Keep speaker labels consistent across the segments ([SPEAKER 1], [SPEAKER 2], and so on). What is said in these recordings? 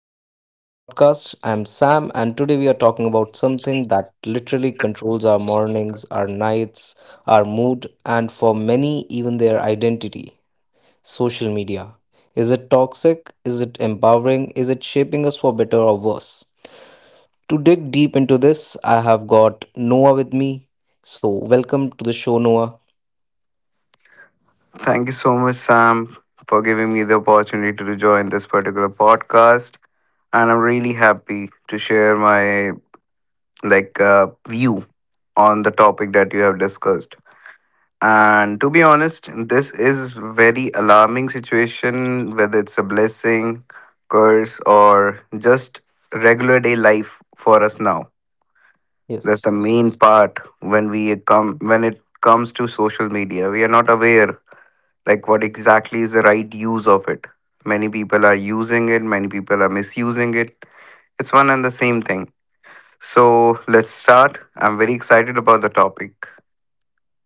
[SPEAKER 1] welcome back to the podcast. I'm Sam, and today we are talking about something that literally controls our mornings, our nights, our mood, and for many, even their identity, social media. Is it toxic? Is it empowering? Is it shaping us for better or worse? To dig deep into this, I have got Noah with me. So, welcome to the show, Noah.
[SPEAKER 2] Thank you so much, Sam, for giving me the opportunity to join this particular podcast. And I'm really happy to share my view on the topic that you have discussed. And to be honest, this is very alarming situation, whether it's a blessing, curse, or just regular day life for us now. That's
[SPEAKER 1] Yes.
[SPEAKER 2] the main part when we come when it comes to social media. We are not aware like what exactly is the right use of it. Many people are using it, many people are misusing it. It's one and the same thing. So let's start. I'm very excited about the topic.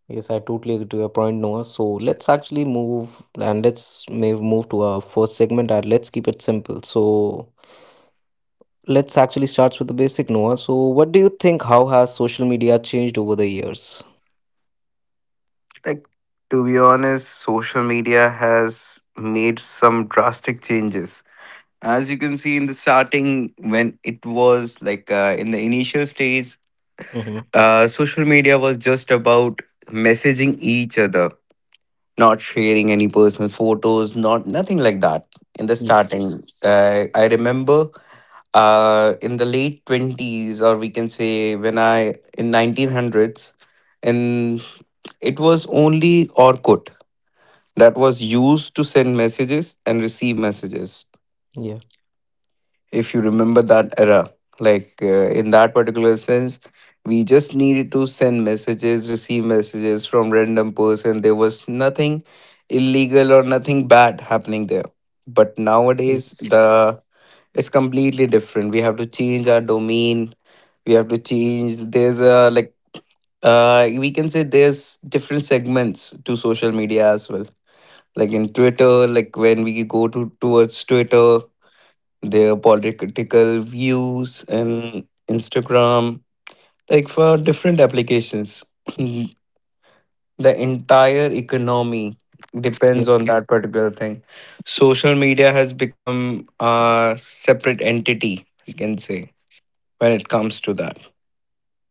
[SPEAKER 1] Yes, I totally agree to your point, Noah. So let's actually move, and let's may move to our first segment, and let's keep it simple. So let's actually start with the basic, Noah. So what do you think? How has social media changed over the years?
[SPEAKER 2] Like, to be honest, social media has made some drastic changes, as you can see. In the starting, when it was in the initial stage,
[SPEAKER 1] Mm-hmm.
[SPEAKER 2] social media was just about messaging each other, not sharing any personal photos, not nothing like that. In the
[SPEAKER 1] Yes.
[SPEAKER 2] starting, I remember in the late 20s, or we can say when I in 1900s, and it was only Orkut that was used to send messages and receive messages,
[SPEAKER 1] Yeah.
[SPEAKER 2] if you remember that era. In that particular sense, we just needed to send messages, receive messages from random person. There was nothing illegal or nothing bad happening there. But nowadays, the
[SPEAKER 1] Yes.
[SPEAKER 2] it's completely different. We have to change our domain, we have to change. There's a we can say, there's different segments to social media as well. Like in Twitter, like when we go to towards Twitter, their political views, and Instagram, like for different applications. The entire economy depends on
[SPEAKER 1] Yes.
[SPEAKER 2] that particular thing. Social media has become a separate entity, you can say, when it comes to that.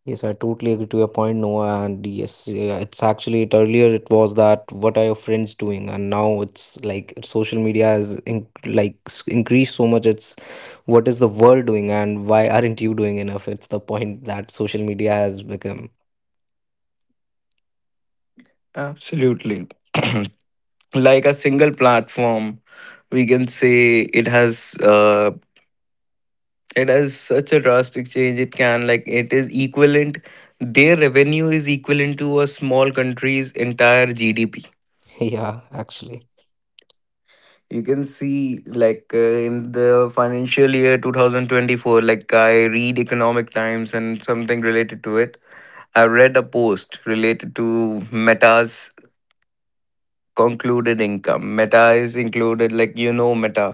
[SPEAKER 1] Yes, I totally agree to your point, Noah. And yes, yeah, it's actually it, earlier it was that what are your friends doing, and now it's like social media has like increased so much. It's what is the world doing, and why aren't you doing enough? It's the point that social media has become.
[SPEAKER 2] Absolutely. Like a single platform, we can say it has. It is such a drastic change. It can like it is equivalent, their revenue is equivalent to a small country's entire gdp.
[SPEAKER 1] Yeah, actually,
[SPEAKER 2] You can see in the financial year 2024, like I read Economic Times and something related to it, I read a post related to Meta's concluded income. Meta is included, like you know Meta,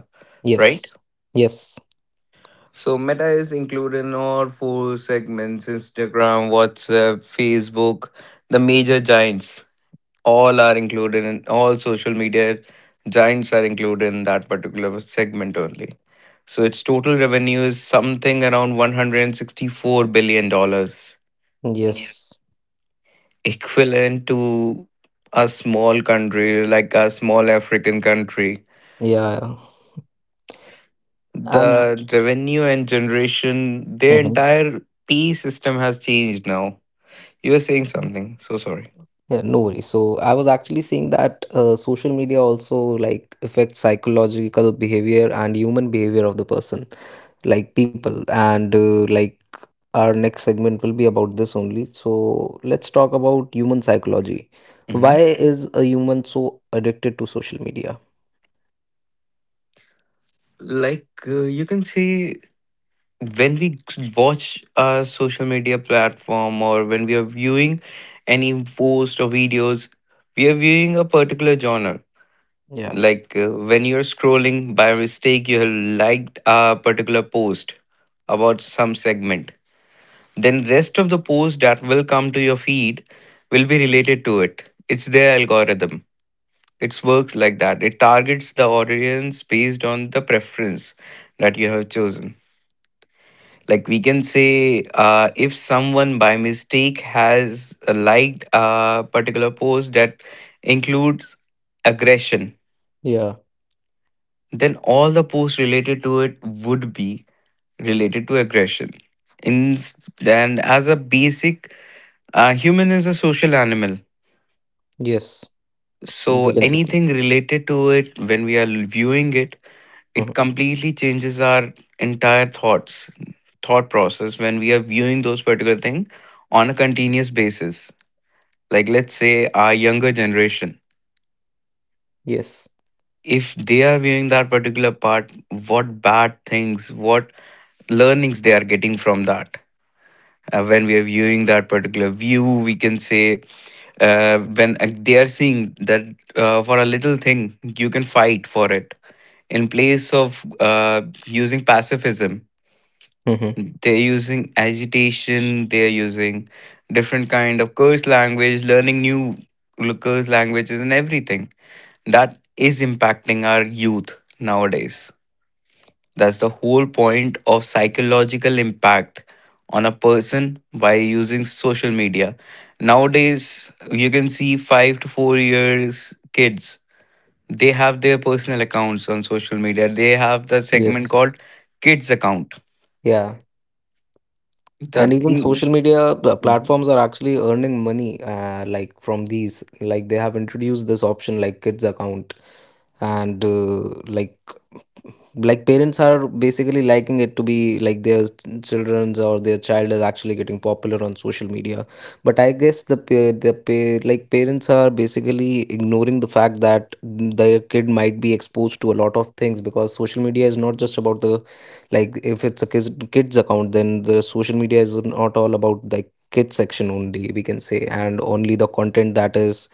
[SPEAKER 2] right?
[SPEAKER 1] yes, yes,
[SPEAKER 2] So Meta is included in all four segments: Instagram, WhatsApp, Facebook, the major giants. All are included in all social media giants are included in that particular segment only. So its total revenue is something around $164 billion, dollars. Yes,
[SPEAKER 1] yes,
[SPEAKER 2] equivalent to a small country, like a small African country.
[SPEAKER 1] yeah, and.
[SPEAKER 2] The revenue and generation, their
[SPEAKER 1] Mhm.
[SPEAKER 2] entire P system has changed now. You were saying something, so sorry.
[SPEAKER 1] Yeah, no worries. So I was actually saying that social media also like affects psychological behavior and human behavior of the person, like people. And like our next segment will be about this only. So let's talk about human psychology.
[SPEAKER 2] hmm
[SPEAKER 1] Why is a human so addicted to social media?
[SPEAKER 2] You can say when we watch our social media platform, or when we are viewing any post or videos, we are viewing a particular genre.
[SPEAKER 1] Yeah.
[SPEAKER 2] When you're scrolling by mistake, you have liked a particular post about some segment. Then rest of the post that will come to your feed will be related to it. It's their algorithm, it works like that. It targets the audience based on the preference that you have chosen. Like we can say, if someone by mistake has liked a particular post that includes aggression,
[SPEAKER 1] Yeah.
[SPEAKER 2] then all the posts related to it would be related to aggression, in. And as a basic, human is a social animal.
[SPEAKER 1] Yes.
[SPEAKER 2] So
[SPEAKER 1] We can say
[SPEAKER 2] anything
[SPEAKER 1] this.
[SPEAKER 2] related to it, when we are viewing it, it
[SPEAKER 1] Hmm.
[SPEAKER 2] completely changes our entire thoughts, thought process, when we are viewing those particular thing on a continuous basis. Like let's say our younger generation,
[SPEAKER 1] Yes.
[SPEAKER 2] if they are viewing that particular part, what bad things, what learnings they are getting from that. When we are viewing that particular view, we can say when they are seeing that, for a little thing you can fight for it, in place of uh, using pacifism.
[SPEAKER 1] Hmm.
[SPEAKER 2] They're using agitation, they're using different kind of curse language, learning new curse languages and everything, that is impacting our youth nowadays. That's the whole point of psychological impact on a person by using social media. Nowadays you can see 5 to 4 years kids, they have their personal accounts on social media. They have the segment
[SPEAKER 1] Yes.
[SPEAKER 2] called kids account.
[SPEAKER 1] Yeah.
[SPEAKER 2] The
[SPEAKER 1] And even
[SPEAKER 2] thing.
[SPEAKER 1] social media platforms are actually earning money, like from these. Like they have introduced this option, like kids account, and like like parents are basically liking it to be like their children's or their child is actually getting popular on social media, but I guess like parents are basically ignoring the fact that their kid might be exposed to a lot of things, because social media is not just about the, like, if it's a kids account, then the social media is not all about like kids section only, we can say, and only the content that is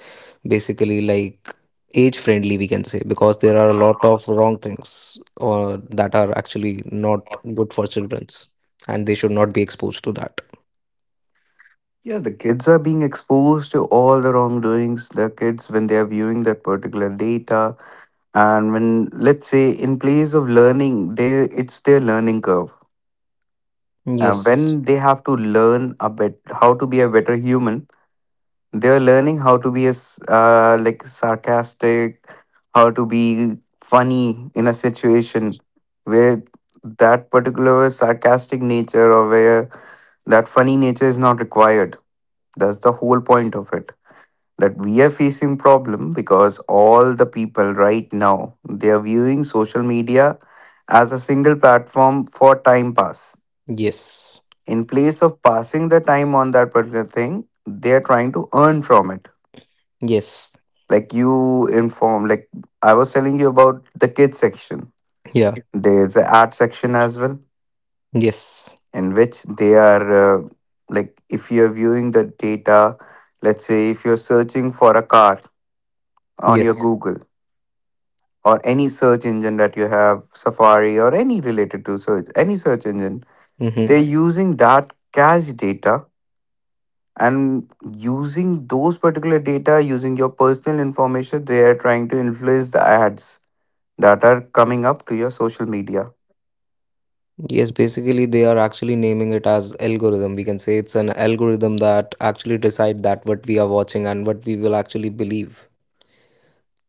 [SPEAKER 1] basically like age friendly, we can say, because there are a lot of wrong things or that are actually not good for childrens, and they should not be exposed to that.
[SPEAKER 2] Yeah, the kids are being exposed to all the wrongdoings. The kids, when they are viewing that particular data, and when let's say in place of learning, they it's their learning curve. And
[SPEAKER 1] Yes.
[SPEAKER 2] when they have to learn a bit how to be a better human, they're learning how to be as like sarcastic, how to be funny in a situation where that particular sarcastic nature or where that funny nature is not required. That's the whole point of it, that we are facing problem because all the people right now, they are viewing social media as a single platform for time pass.
[SPEAKER 1] Yes.
[SPEAKER 2] In place of passing the time on that particular thing, they are trying to earn from it.
[SPEAKER 1] Yes.
[SPEAKER 2] Like you inform, like I was telling you about the kids section,
[SPEAKER 1] Yeah.
[SPEAKER 2] there's an art section as well,
[SPEAKER 1] Yes.
[SPEAKER 2] in which they are like if you're viewing the data, let's say if you're searching for a car on your
[SPEAKER 1] Yes.
[SPEAKER 2] Google or any search engine that you have, Safari or any related to search, any search engine.
[SPEAKER 1] Mm-hmm.
[SPEAKER 2] They're using that cache data and using those particular data, using your personal information, they are trying to influence the ads that are coming up to your social media.
[SPEAKER 1] Yes, basically they are actually naming it as algorithm, we can say. It's an algorithm that actually decide that what we are watching and what we will actually believe.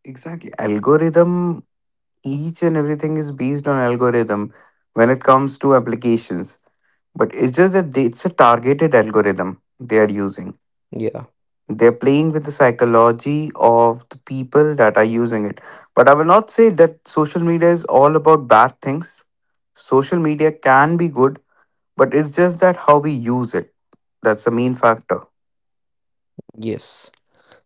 [SPEAKER 2] Exactly. Algorithm, each and everything is based on algorithm when it comes to applications. But it's just that they, it's a targeted algorithm they are using.
[SPEAKER 1] Yeah.
[SPEAKER 2] They're playing with the psychology of the people that are using it. But I will not say that social media is all about bad things. Social media can be good, but it's just that how we use it. That's the main factor.
[SPEAKER 1] Yes,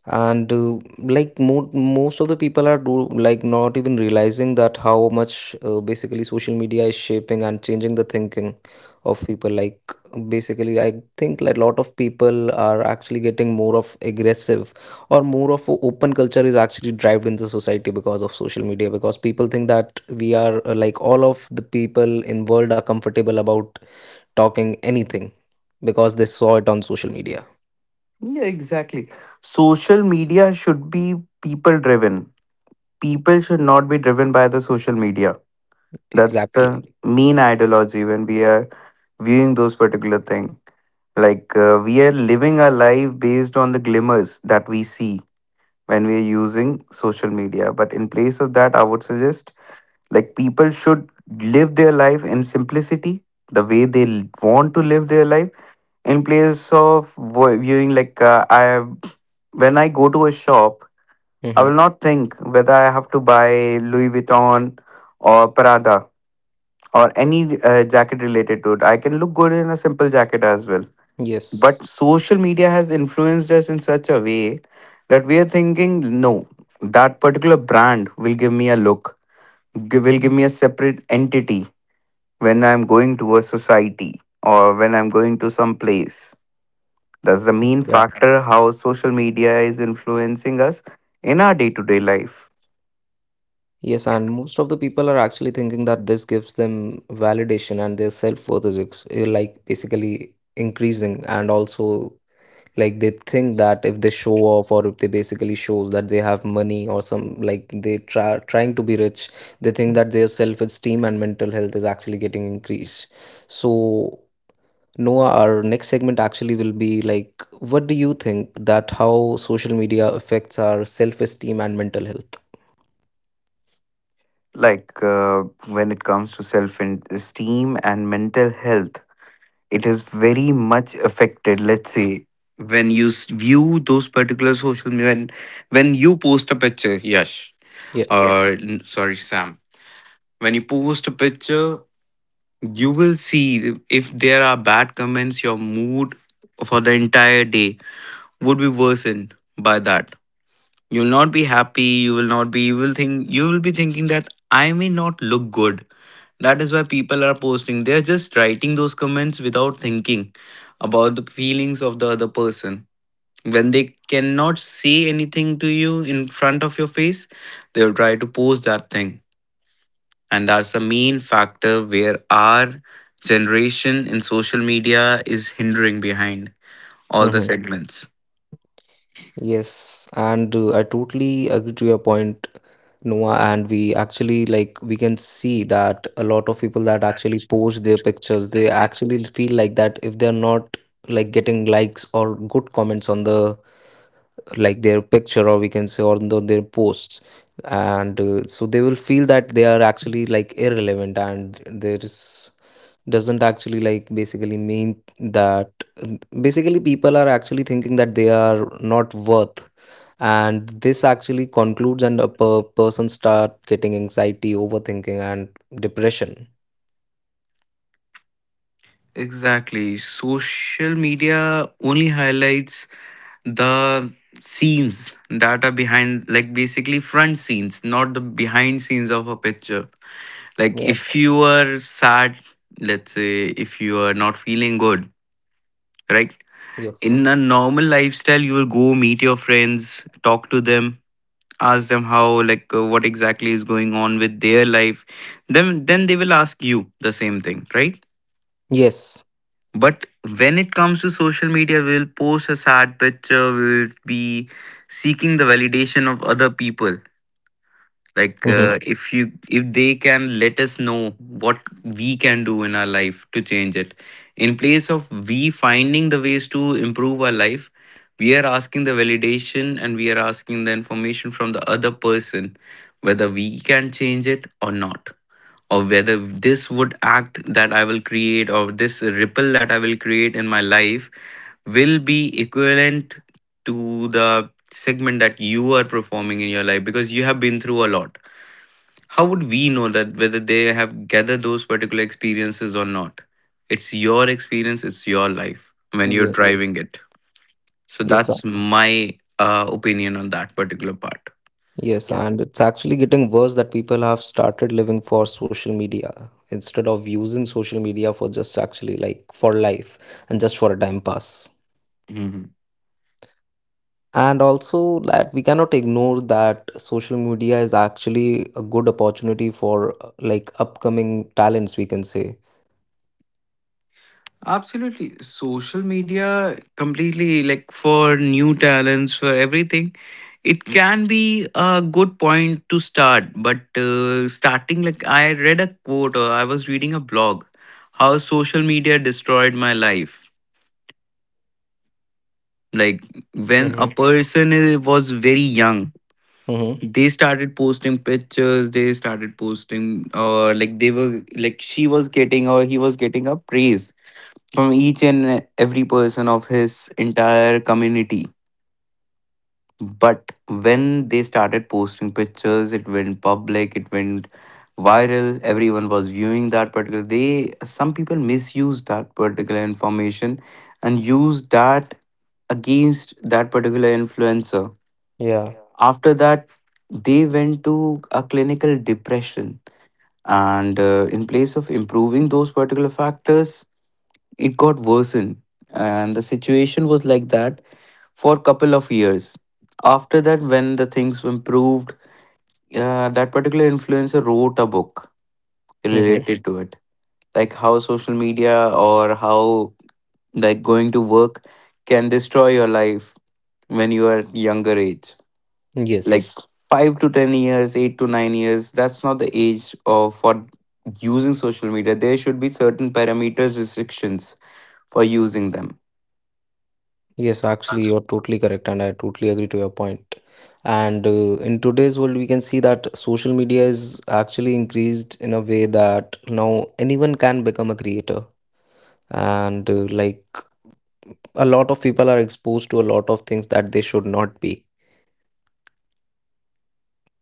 [SPEAKER 1] and like most of the people are do like not even realizing that how much basically social media is shaping and changing the thinking of people, like, basically I think like a lot of people are actually getting more of aggressive, or more of a open culture is actually driven in the society because of social media, because people think that we are, like, all of the people in world are comfortable about talking anything because they saw it on social media.
[SPEAKER 2] Yeah, exactly. Social media should be people driven. People should not be driven by the social media. That's the
[SPEAKER 1] Exactly.
[SPEAKER 2] main ideology when we are viewing those particular thing. We are living our life based on the glimmers that we see when we are using social media. But in place of that, I would suggest like people should live their life in simplicity, the way they want to live their life. In place of viewing, I, when I go to a shop, I will
[SPEAKER 1] Hmm.
[SPEAKER 2] not think whether I have to buy Louis Vuitton or Prada or any jacket related to it. I can look good in a simple jacket as well.
[SPEAKER 1] Yes.
[SPEAKER 2] But social media has influenced us in such a way that we are thinking, no, that particular brand will give me a look, will give me a separate entity, when I'm going to a society or when I'm going to some place. That's the main
[SPEAKER 1] Yeah.
[SPEAKER 2] factor how social media is influencing us in our day to day life.
[SPEAKER 1] Yes, and most of the people are actually thinking that this gives them validation, and their self-worth is like basically increasing, and also like they think that if they show off or if they basically shows that they have money or some, like they trying to be rich, they think that their self-esteem and mental health is actually getting increased. So Noah, our next segment actually will be like, what do you think, that how social media affects our self-esteem and mental health?
[SPEAKER 2] Like, when it comes to self esteem and mental health, it is very much affected. Let's say when you view those particular social media, when you post a picture, yash.
[SPEAKER 1] Yeah.
[SPEAKER 2] Yeah. Sorry, Sam. When you post a picture, you will see if there are bad comments, your mood for the entire day would be worsened by that. You'll not be happy, you will not be, you will think, you will be thinking that I may not look good. That is why people are posting. They're just writing those comments without thinking about the feelings of the other person. When they cannot say anything to you in front of your face, they'll try to post that thing. And that's the main factor where our generation in social media is hindering behind all the
[SPEAKER 1] Mm-hmm.
[SPEAKER 2] segments.
[SPEAKER 1] Yes, and I totally agree to your point, Noah. And we actually like we can see that a lot of people that actually post their pictures, they actually feel like that if they're not like getting likes or good comments on the like their picture, or we can say on the, their posts, and so they will feel that they are actually like irrelevant, and there is doesn't actually like basically mean that basically people are actually thinking that they are not worth, and this actually concludes, and a person start getting anxiety, overthinking, and depression.
[SPEAKER 2] Exactly. Social media only highlights the scenes that are behind, like basically front scenes, not the behind scenes of a picture. Like
[SPEAKER 1] Yeah.
[SPEAKER 2] if you are sad, let's say if you are not feeling good, right?
[SPEAKER 1] Yes.
[SPEAKER 2] In a normal lifestyle, you will go meet your friends, talk to them, ask them how, like, what exactly is going on with their life. Then they will ask you the same thing, right?
[SPEAKER 1] Yes.
[SPEAKER 2] But when it comes to social media, we'll post a sad picture, we'll be seeking the validation of other people, like
[SPEAKER 1] Mm-hmm.
[SPEAKER 2] if they can let us know what we can do in our life to change it. In place of we finding the ways to improve our life, we are asking the validation and we are asking the information from the other person, whether we can change it or not, or whether this would act that I will create, or this ripple that I will create in my life, will be equivalent to the segment that you are performing in your life because you have been through a lot. How would we know that whether they have gathered those particular experiences or not? It's your experience, it's your life when you're driving
[SPEAKER 1] Yes.
[SPEAKER 2] it. So
[SPEAKER 1] Yes.
[SPEAKER 2] that's my opinion on that particular part.
[SPEAKER 1] Yes, and it's actually getting worse that people have started living for social media instead of using social media for just actually like for life and just for a time pass.
[SPEAKER 2] Hmm.
[SPEAKER 1] And also that we cannot ignore that social media is actually a good opportunity for like upcoming talents, we can say.
[SPEAKER 2] Absolutely. Social media completely, like, for new talents, for everything. It can be a good point to start, but starting, like, I read a quote or I was reading a blog, how social media destroyed my life. Like, when
[SPEAKER 1] Mm-hmm.
[SPEAKER 2] a person was very young,
[SPEAKER 1] Mm-hmm.
[SPEAKER 2] they started posting pictures, they started posting, or like they were like she was getting or he was getting a praise from each and every person of his entire community. But when they started posting pictures, it went public, it went viral, everyone was viewing that particular, they, some people misused that particular information and used that against that particular influencer.
[SPEAKER 1] Yeah.
[SPEAKER 2] After that, they went to a clinical depression, and in place of improving those particular factors, it got worsened, and the situation was like that for a couple of years. After that, when the things improved, that particular influencer wrote a book
[SPEAKER 1] Mm-hmm.
[SPEAKER 2] related to it, like how social media or how, like, going to work can destroy your life when you are younger age, like
[SPEAKER 1] Yes.
[SPEAKER 2] 5 to 10 years, 8 to 9 years. That's not the age of for using social media. There should be certain parameters restrictions for using them.
[SPEAKER 1] Yes, actually, you're totally correct, and I totally agree to your point. And in today's world, we can see that social media is actually increased in a way that now anyone can become a creator. And like a lot of people are exposed to a lot of things that they should not be.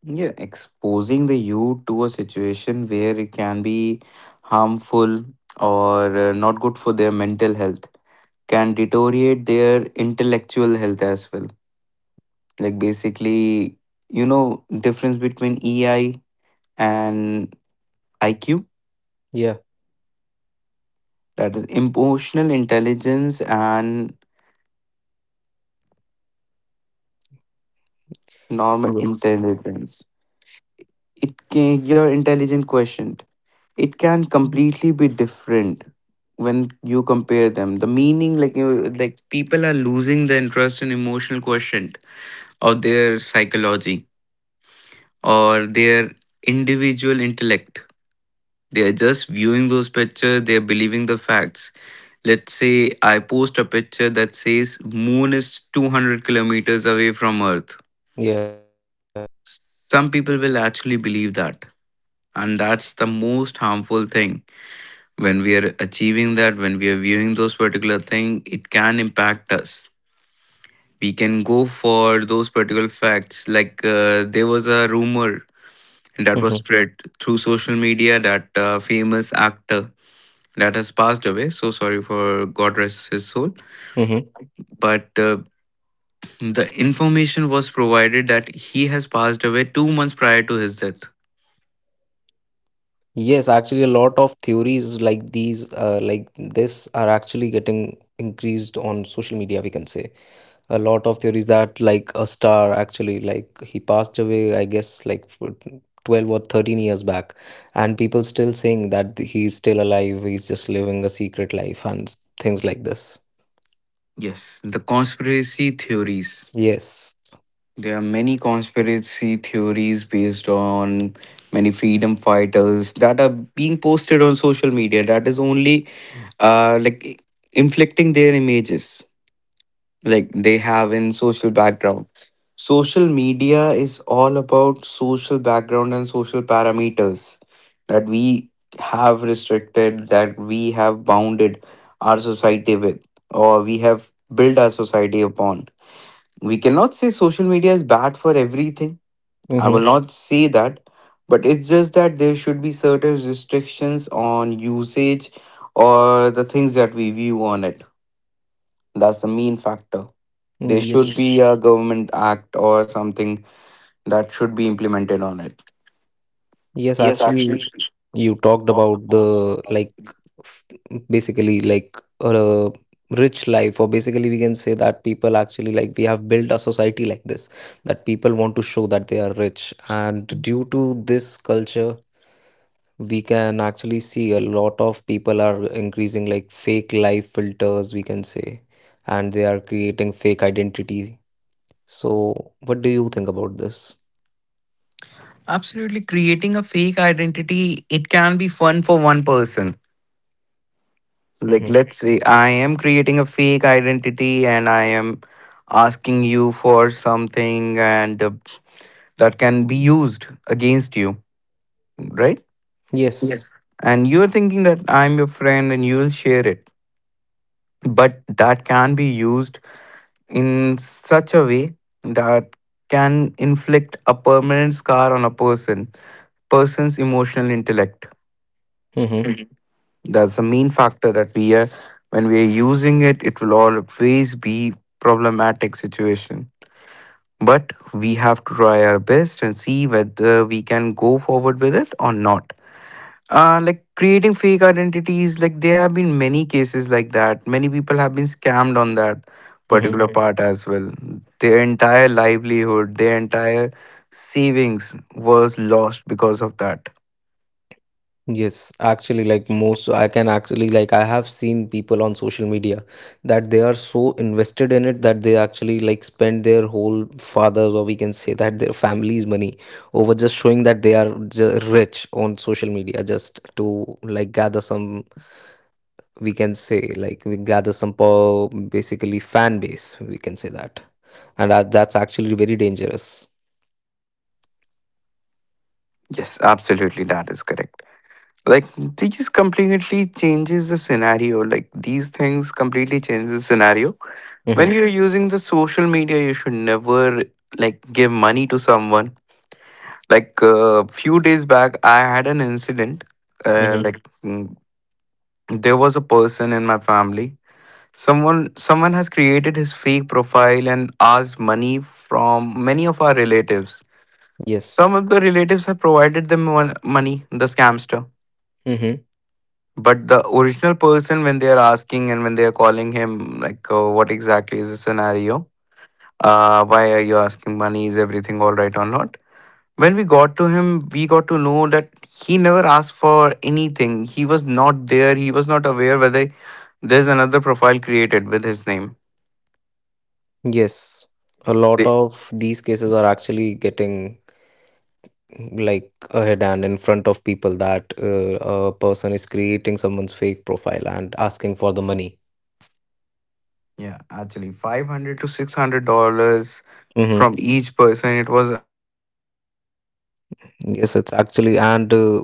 [SPEAKER 2] Yeah, exposing the youth to a situation where it can be harmful, or not good for their mental health, can deteriorate their intellectual health as well. Like basically, you know, difference between EI and IQ,
[SPEAKER 1] Yeah.
[SPEAKER 2] that is emotional intelligence and normal
[SPEAKER 1] Yes.
[SPEAKER 2] intelligence. It can, your intelligent quotient, it can completely be different when you compare them, the meaning, like you, like people are losing the interest in emotional quotient of their psychology or their individual intellect. They are just viewing those pictures, they are believing the facts. Let's say I post a picture that says moon is 200 kilometers away from earth.
[SPEAKER 1] Yeah.
[SPEAKER 2] Some people will actually believe that, and that's the most harmful thing. When we are achieving that, when we are viewing those particular thing, it can impact us, we can go for those particular facts. Like there was a rumor that was
[SPEAKER 1] Mm-hmm.
[SPEAKER 2] spread through social media that a famous actor that has passed away, so sorry for god rest his soul,
[SPEAKER 1] Mm-hmm.
[SPEAKER 2] but the information was provided that he has passed away 2 months prior to his death.
[SPEAKER 1] Yes, actually, a lot of theories like these, like this, are actually getting increased on social media, we can say. A lot of theories that like a star actually like he passed away, I guess like for 12 or 13 years back, and people still saying that he's still alive, he's just living a secret life and things like this.
[SPEAKER 2] Yes, the conspiracy theories.
[SPEAKER 1] Yes.
[SPEAKER 2] There are many conspiracy theories based on many freedom fighters that are being posted on social media, that is only like inflicting their images, like they have in social background. Social media is all about social background and social parameters that we have restricted, that we have bounded our society with, or we have built our society upon. We cannot say social media is bad for everything. I will
[SPEAKER 1] Mm-hmm.
[SPEAKER 2] not say that, but it's just that there should be certain restrictions on usage, or the things that we view on it. That's the main factor. There should be
[SPEAKER 1] Yes.
[SPEAKER 2] a government act or something that should be implemented on it.
[SPEAKER 1] Yes, actually, you talked about the like f- basically like a rich life, or basically, we can say that people actually like we have built a society like this that people want to show that they are rich, and due to this culture, we can actually see a lot of people are increasing like fake life filters, we can say, and they are creating fake identity. So, what do you think about this?
[SPEAKER 2] Absolutely, creating a fake identity, it can be fun for one person. Like,
[SPEAKER 1] Mm-hmm.
[SPEAKER 2] let's say I am creating a fake identity and I am asking you for something, and that can be used against you, right?
[SPEAKER 1] Yes.
[SPEAKER 2] And you're thinking that I'm your friend and you'll share it. But that can be used in such a way that can inflict a permanent scar on a person, person's emotional intellect.
[SPEAKER 1] Mm-hmm.
[SPEAKER 2] That's the main factor that we are, when we are using it, it will always be problematic situation. But we have to try our best and see whether we can go forward with it or not. Like creating fake identities, like there have been many cases like that. Many people have been scammed on that
[SPEAKER 1] Mm-hmm.
[SPEAKER 2] particular part as well. Their entire livelihood, their entire savings was lost because of that.
[SPEAKER 1] Yes, actually, like most, I can actually, like, I have seen people on social media that they are so invested in it that they actually, like, spend their whole fathers, or we can say that their family's money over just showing that they are rich on social media just to, like, gather some, we can say, like, we gather some, basically, fan base, we can say that. And that's actually very dangerous.
[SPEAKER 2] Yes, absolutely, that is correct. Like, they just completely changes the scenario. Like these things completely change the scenario. When
[SPEAKER 1] Mm-hmm.
[SPEAKER 2] you're using the social media, you should never, like, give money to someone. Like a few days back I had an incident,
[SPEAKER 1] Mm-hmm.
[SPEAKER 2] like mm, there was a person in my family. Someone, someone has created his fake profile and asked money from many of our relatives. Some of
[SPEAKER 1] Yes.
[SPEAKER 2] the relatives have provided them money, the scamster.
[SPEAKER 1] Mm-hmm.
[SPEAKER 2] But the original person, when they are asking and when they are calling him, like, what exactly is the scenario, why are you asking money, is everything all right or not. When we got to him, we got to know that he never asked for anything. He was not there. He was not aware whether there's another profile created with his name.
[SPEAKER 1] Yes, a lot
[SPEAKER 2] They-
[SPEAKER 1] of these cases are actually getting like ahead and in front of people that a person is creating someone's fake profile and asking for the money.
[SPEAKER 2] Yeah, actually, five hundred to six hundred dollars
[SPEAKER 1] Mm-hmm.
[SPEAKER 2] from each person. It was
[SPEAKER 1] Yes, it's actually, and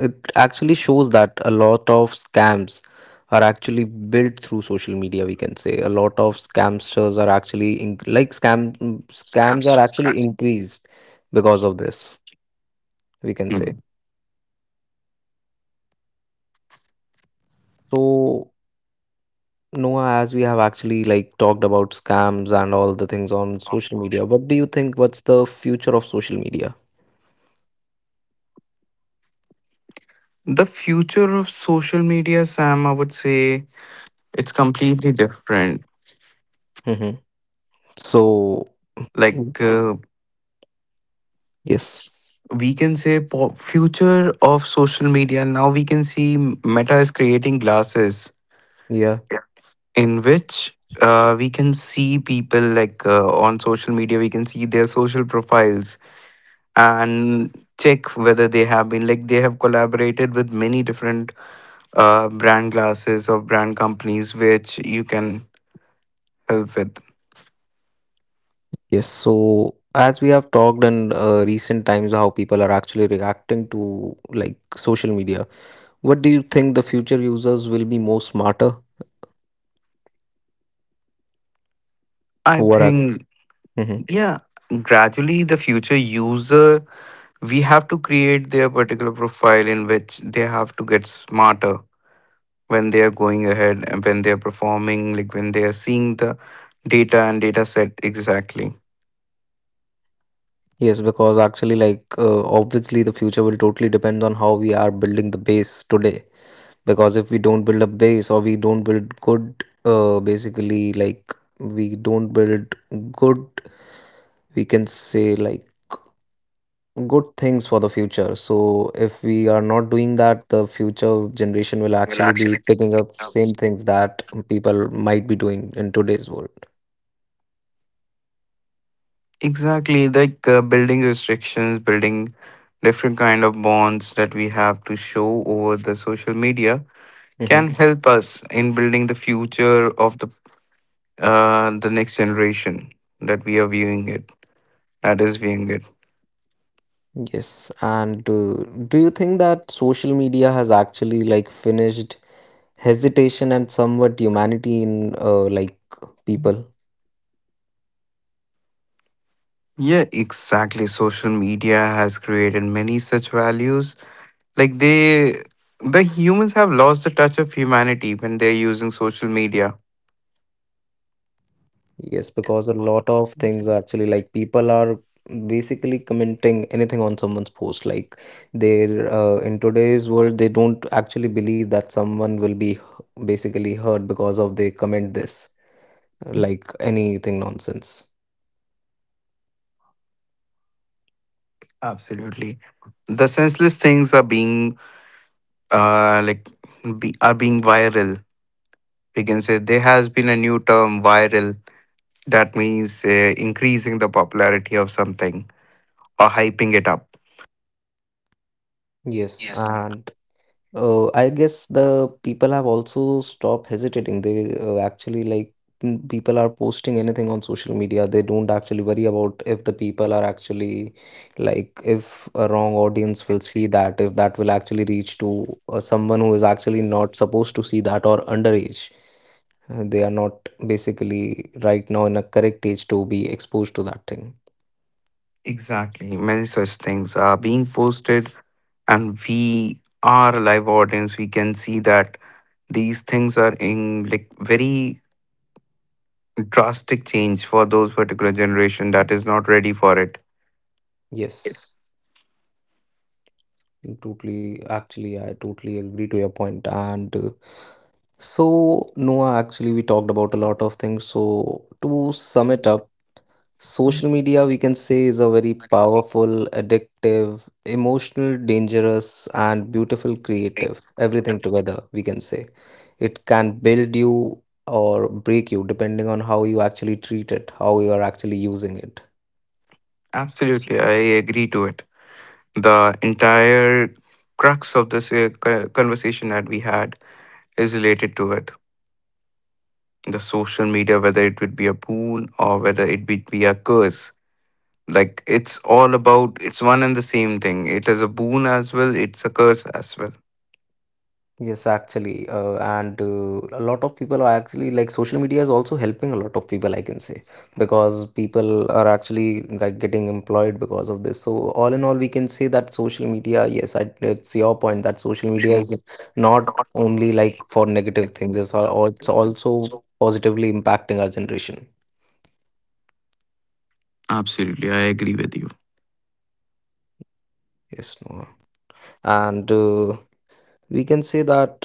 [SPEAKER 1] it actually shows that a lot of scams are actually built through social media, we can say. A lot of scamsters are actually like scams are actually increased because of this, we can say. So Noah, as we have actually like talked about scams and all the things on social media, what do you think? What's the future of social media?
[SPEAKER 3] The future of social media, Sam, I would say it's completely different.
[SPEAKER 1] Hmm. So, mm,
[SPEAKER 3] Like uh,
[SPEAKER 1] yes,
[SPEAKER 3] we can say future of social media. Now we can see Meta is creating glasses
[SPEAKER 1] yeah,
[SPEAKER 3] in which we can see people like on social media. We can see their social profiles and check whether they have been they have collaborated with many different brand glasses of brand companies, which you can help with.
[SPEAKER 1] yes. So, as we have talked in recent times, how people are actually reacting to like social media, what do you think, the future users will be more smarter?
[SPEAKER 3] I
[SPEAKER 1] Who are.
[SPEAKER 3] think,
[SPEAKER 1] Hmm.
[SPEAKER 3] yeah, gradually the future user, we have to create their particular profile in which they have to get smarter when they are going ahead and when they are performing, like when they are seeing the data and data set exactly.
[SPEAKER 1] Yes, because actually, like, obviously, the future will totally depend on how we are building the base today, because if we don't build a base, or we don't build good, basically, like we don't build good, we can say, like good things for the future. So if we are not doing that, the future generation will actually be picking up same things that people might be doing in today's world.
[SPEAKER 3] Exactly, building restrictions, building different kind of bonds that we have to show over the social media
[SPEAKER 1] Hmm.
[SPEAKER 3] can help us in building the future of the next generation that we are viewing it, that is viewing it.
[SPEAKER 1] Yes, and do you think that social media has actually like finished hesitation and somewhat humanity in, like, people?
[SPEAKER 3] Yeah, exactly. Social media has created many such values. Like, the humans have lost the touch of humanity when they're using social media.
[SPEAKER 1] Yes, because a lot of things are actually like people are basically commenting anything on someone's post. Like they're, in today's world, they don't actually believe that someone will be basically hurt because of they comment this, like anything nonsense.
[SPEAKER 3] Absolutely. The senseless things are being uh like are being viral. We can say there has been a new term, viral, that means increasing the popularity of something or hyping it up.
[SPEAKER 1] Yes, and I guess the people have also stopped hesitating. They, actually like people are posting anything on social media. They don't actually worry about if the people are actually like if a wrong audience will see that, if that will actually reach to, someone who is actually not supposed to see that or underage. They are not basically right now in a correct age to be exposed to that thing.
[SPEAKER 3] Exactly. Many such things are being posted, and we are a live audience. We can see that these things are in like very drastic change for those particular generation that is not ready for it. Yes.
[SPEAKER 1] Yes, totally. Actually, I totally agree to your point and. So, Noah, actually, we talked about a lot of things. So, to sum it up, social media, we can say, is a very powerful, addictive, emotional, dangerous, and beautiful, creative. Everything together, we can say. It can build you or break you depending on how you actually treat it, how you are actually using it.
[SPEAKER 3] Absolutely, I agree to it. The entire crux of this conversation that we had is related to it. The social media, whether it would be a boon or whether it would be a curse. Like it's all about, it's one and the same thing. It is a boon as well, it's a curse as well.
[SPEAKER 1] Yes, actually, and a lot of people are actually like social media is also helping a lot of people, I can say, because people are actually like getting employed because of this. So all in all, we can say that social media, yes, it's your point that social media is not only like for negative things; it's all. It's also positively impacting our generation.
[SPEAKER 3] Absolutely, I agree with you.
[SPEAKER 1] Yes, Noah, and we can say that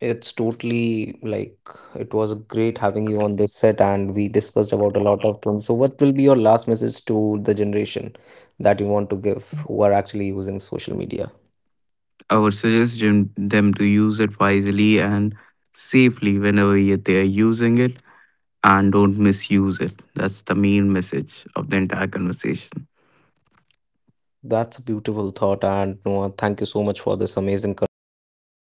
[SPEAKER 1] it's totally like it was great having you on this set, and we discussed about a lot of things. So, what will be your last message to the generation that you want to give who are actually using social media?
[SPEAKER 3] I would suggest them to use it wisely and safely whenever yet they are using it, and don't misuse it. That's the main message of the entire conversation.
[SPEAKER 1] That's a beautiful thought, and Noah, thank you so much for this amazing conversation.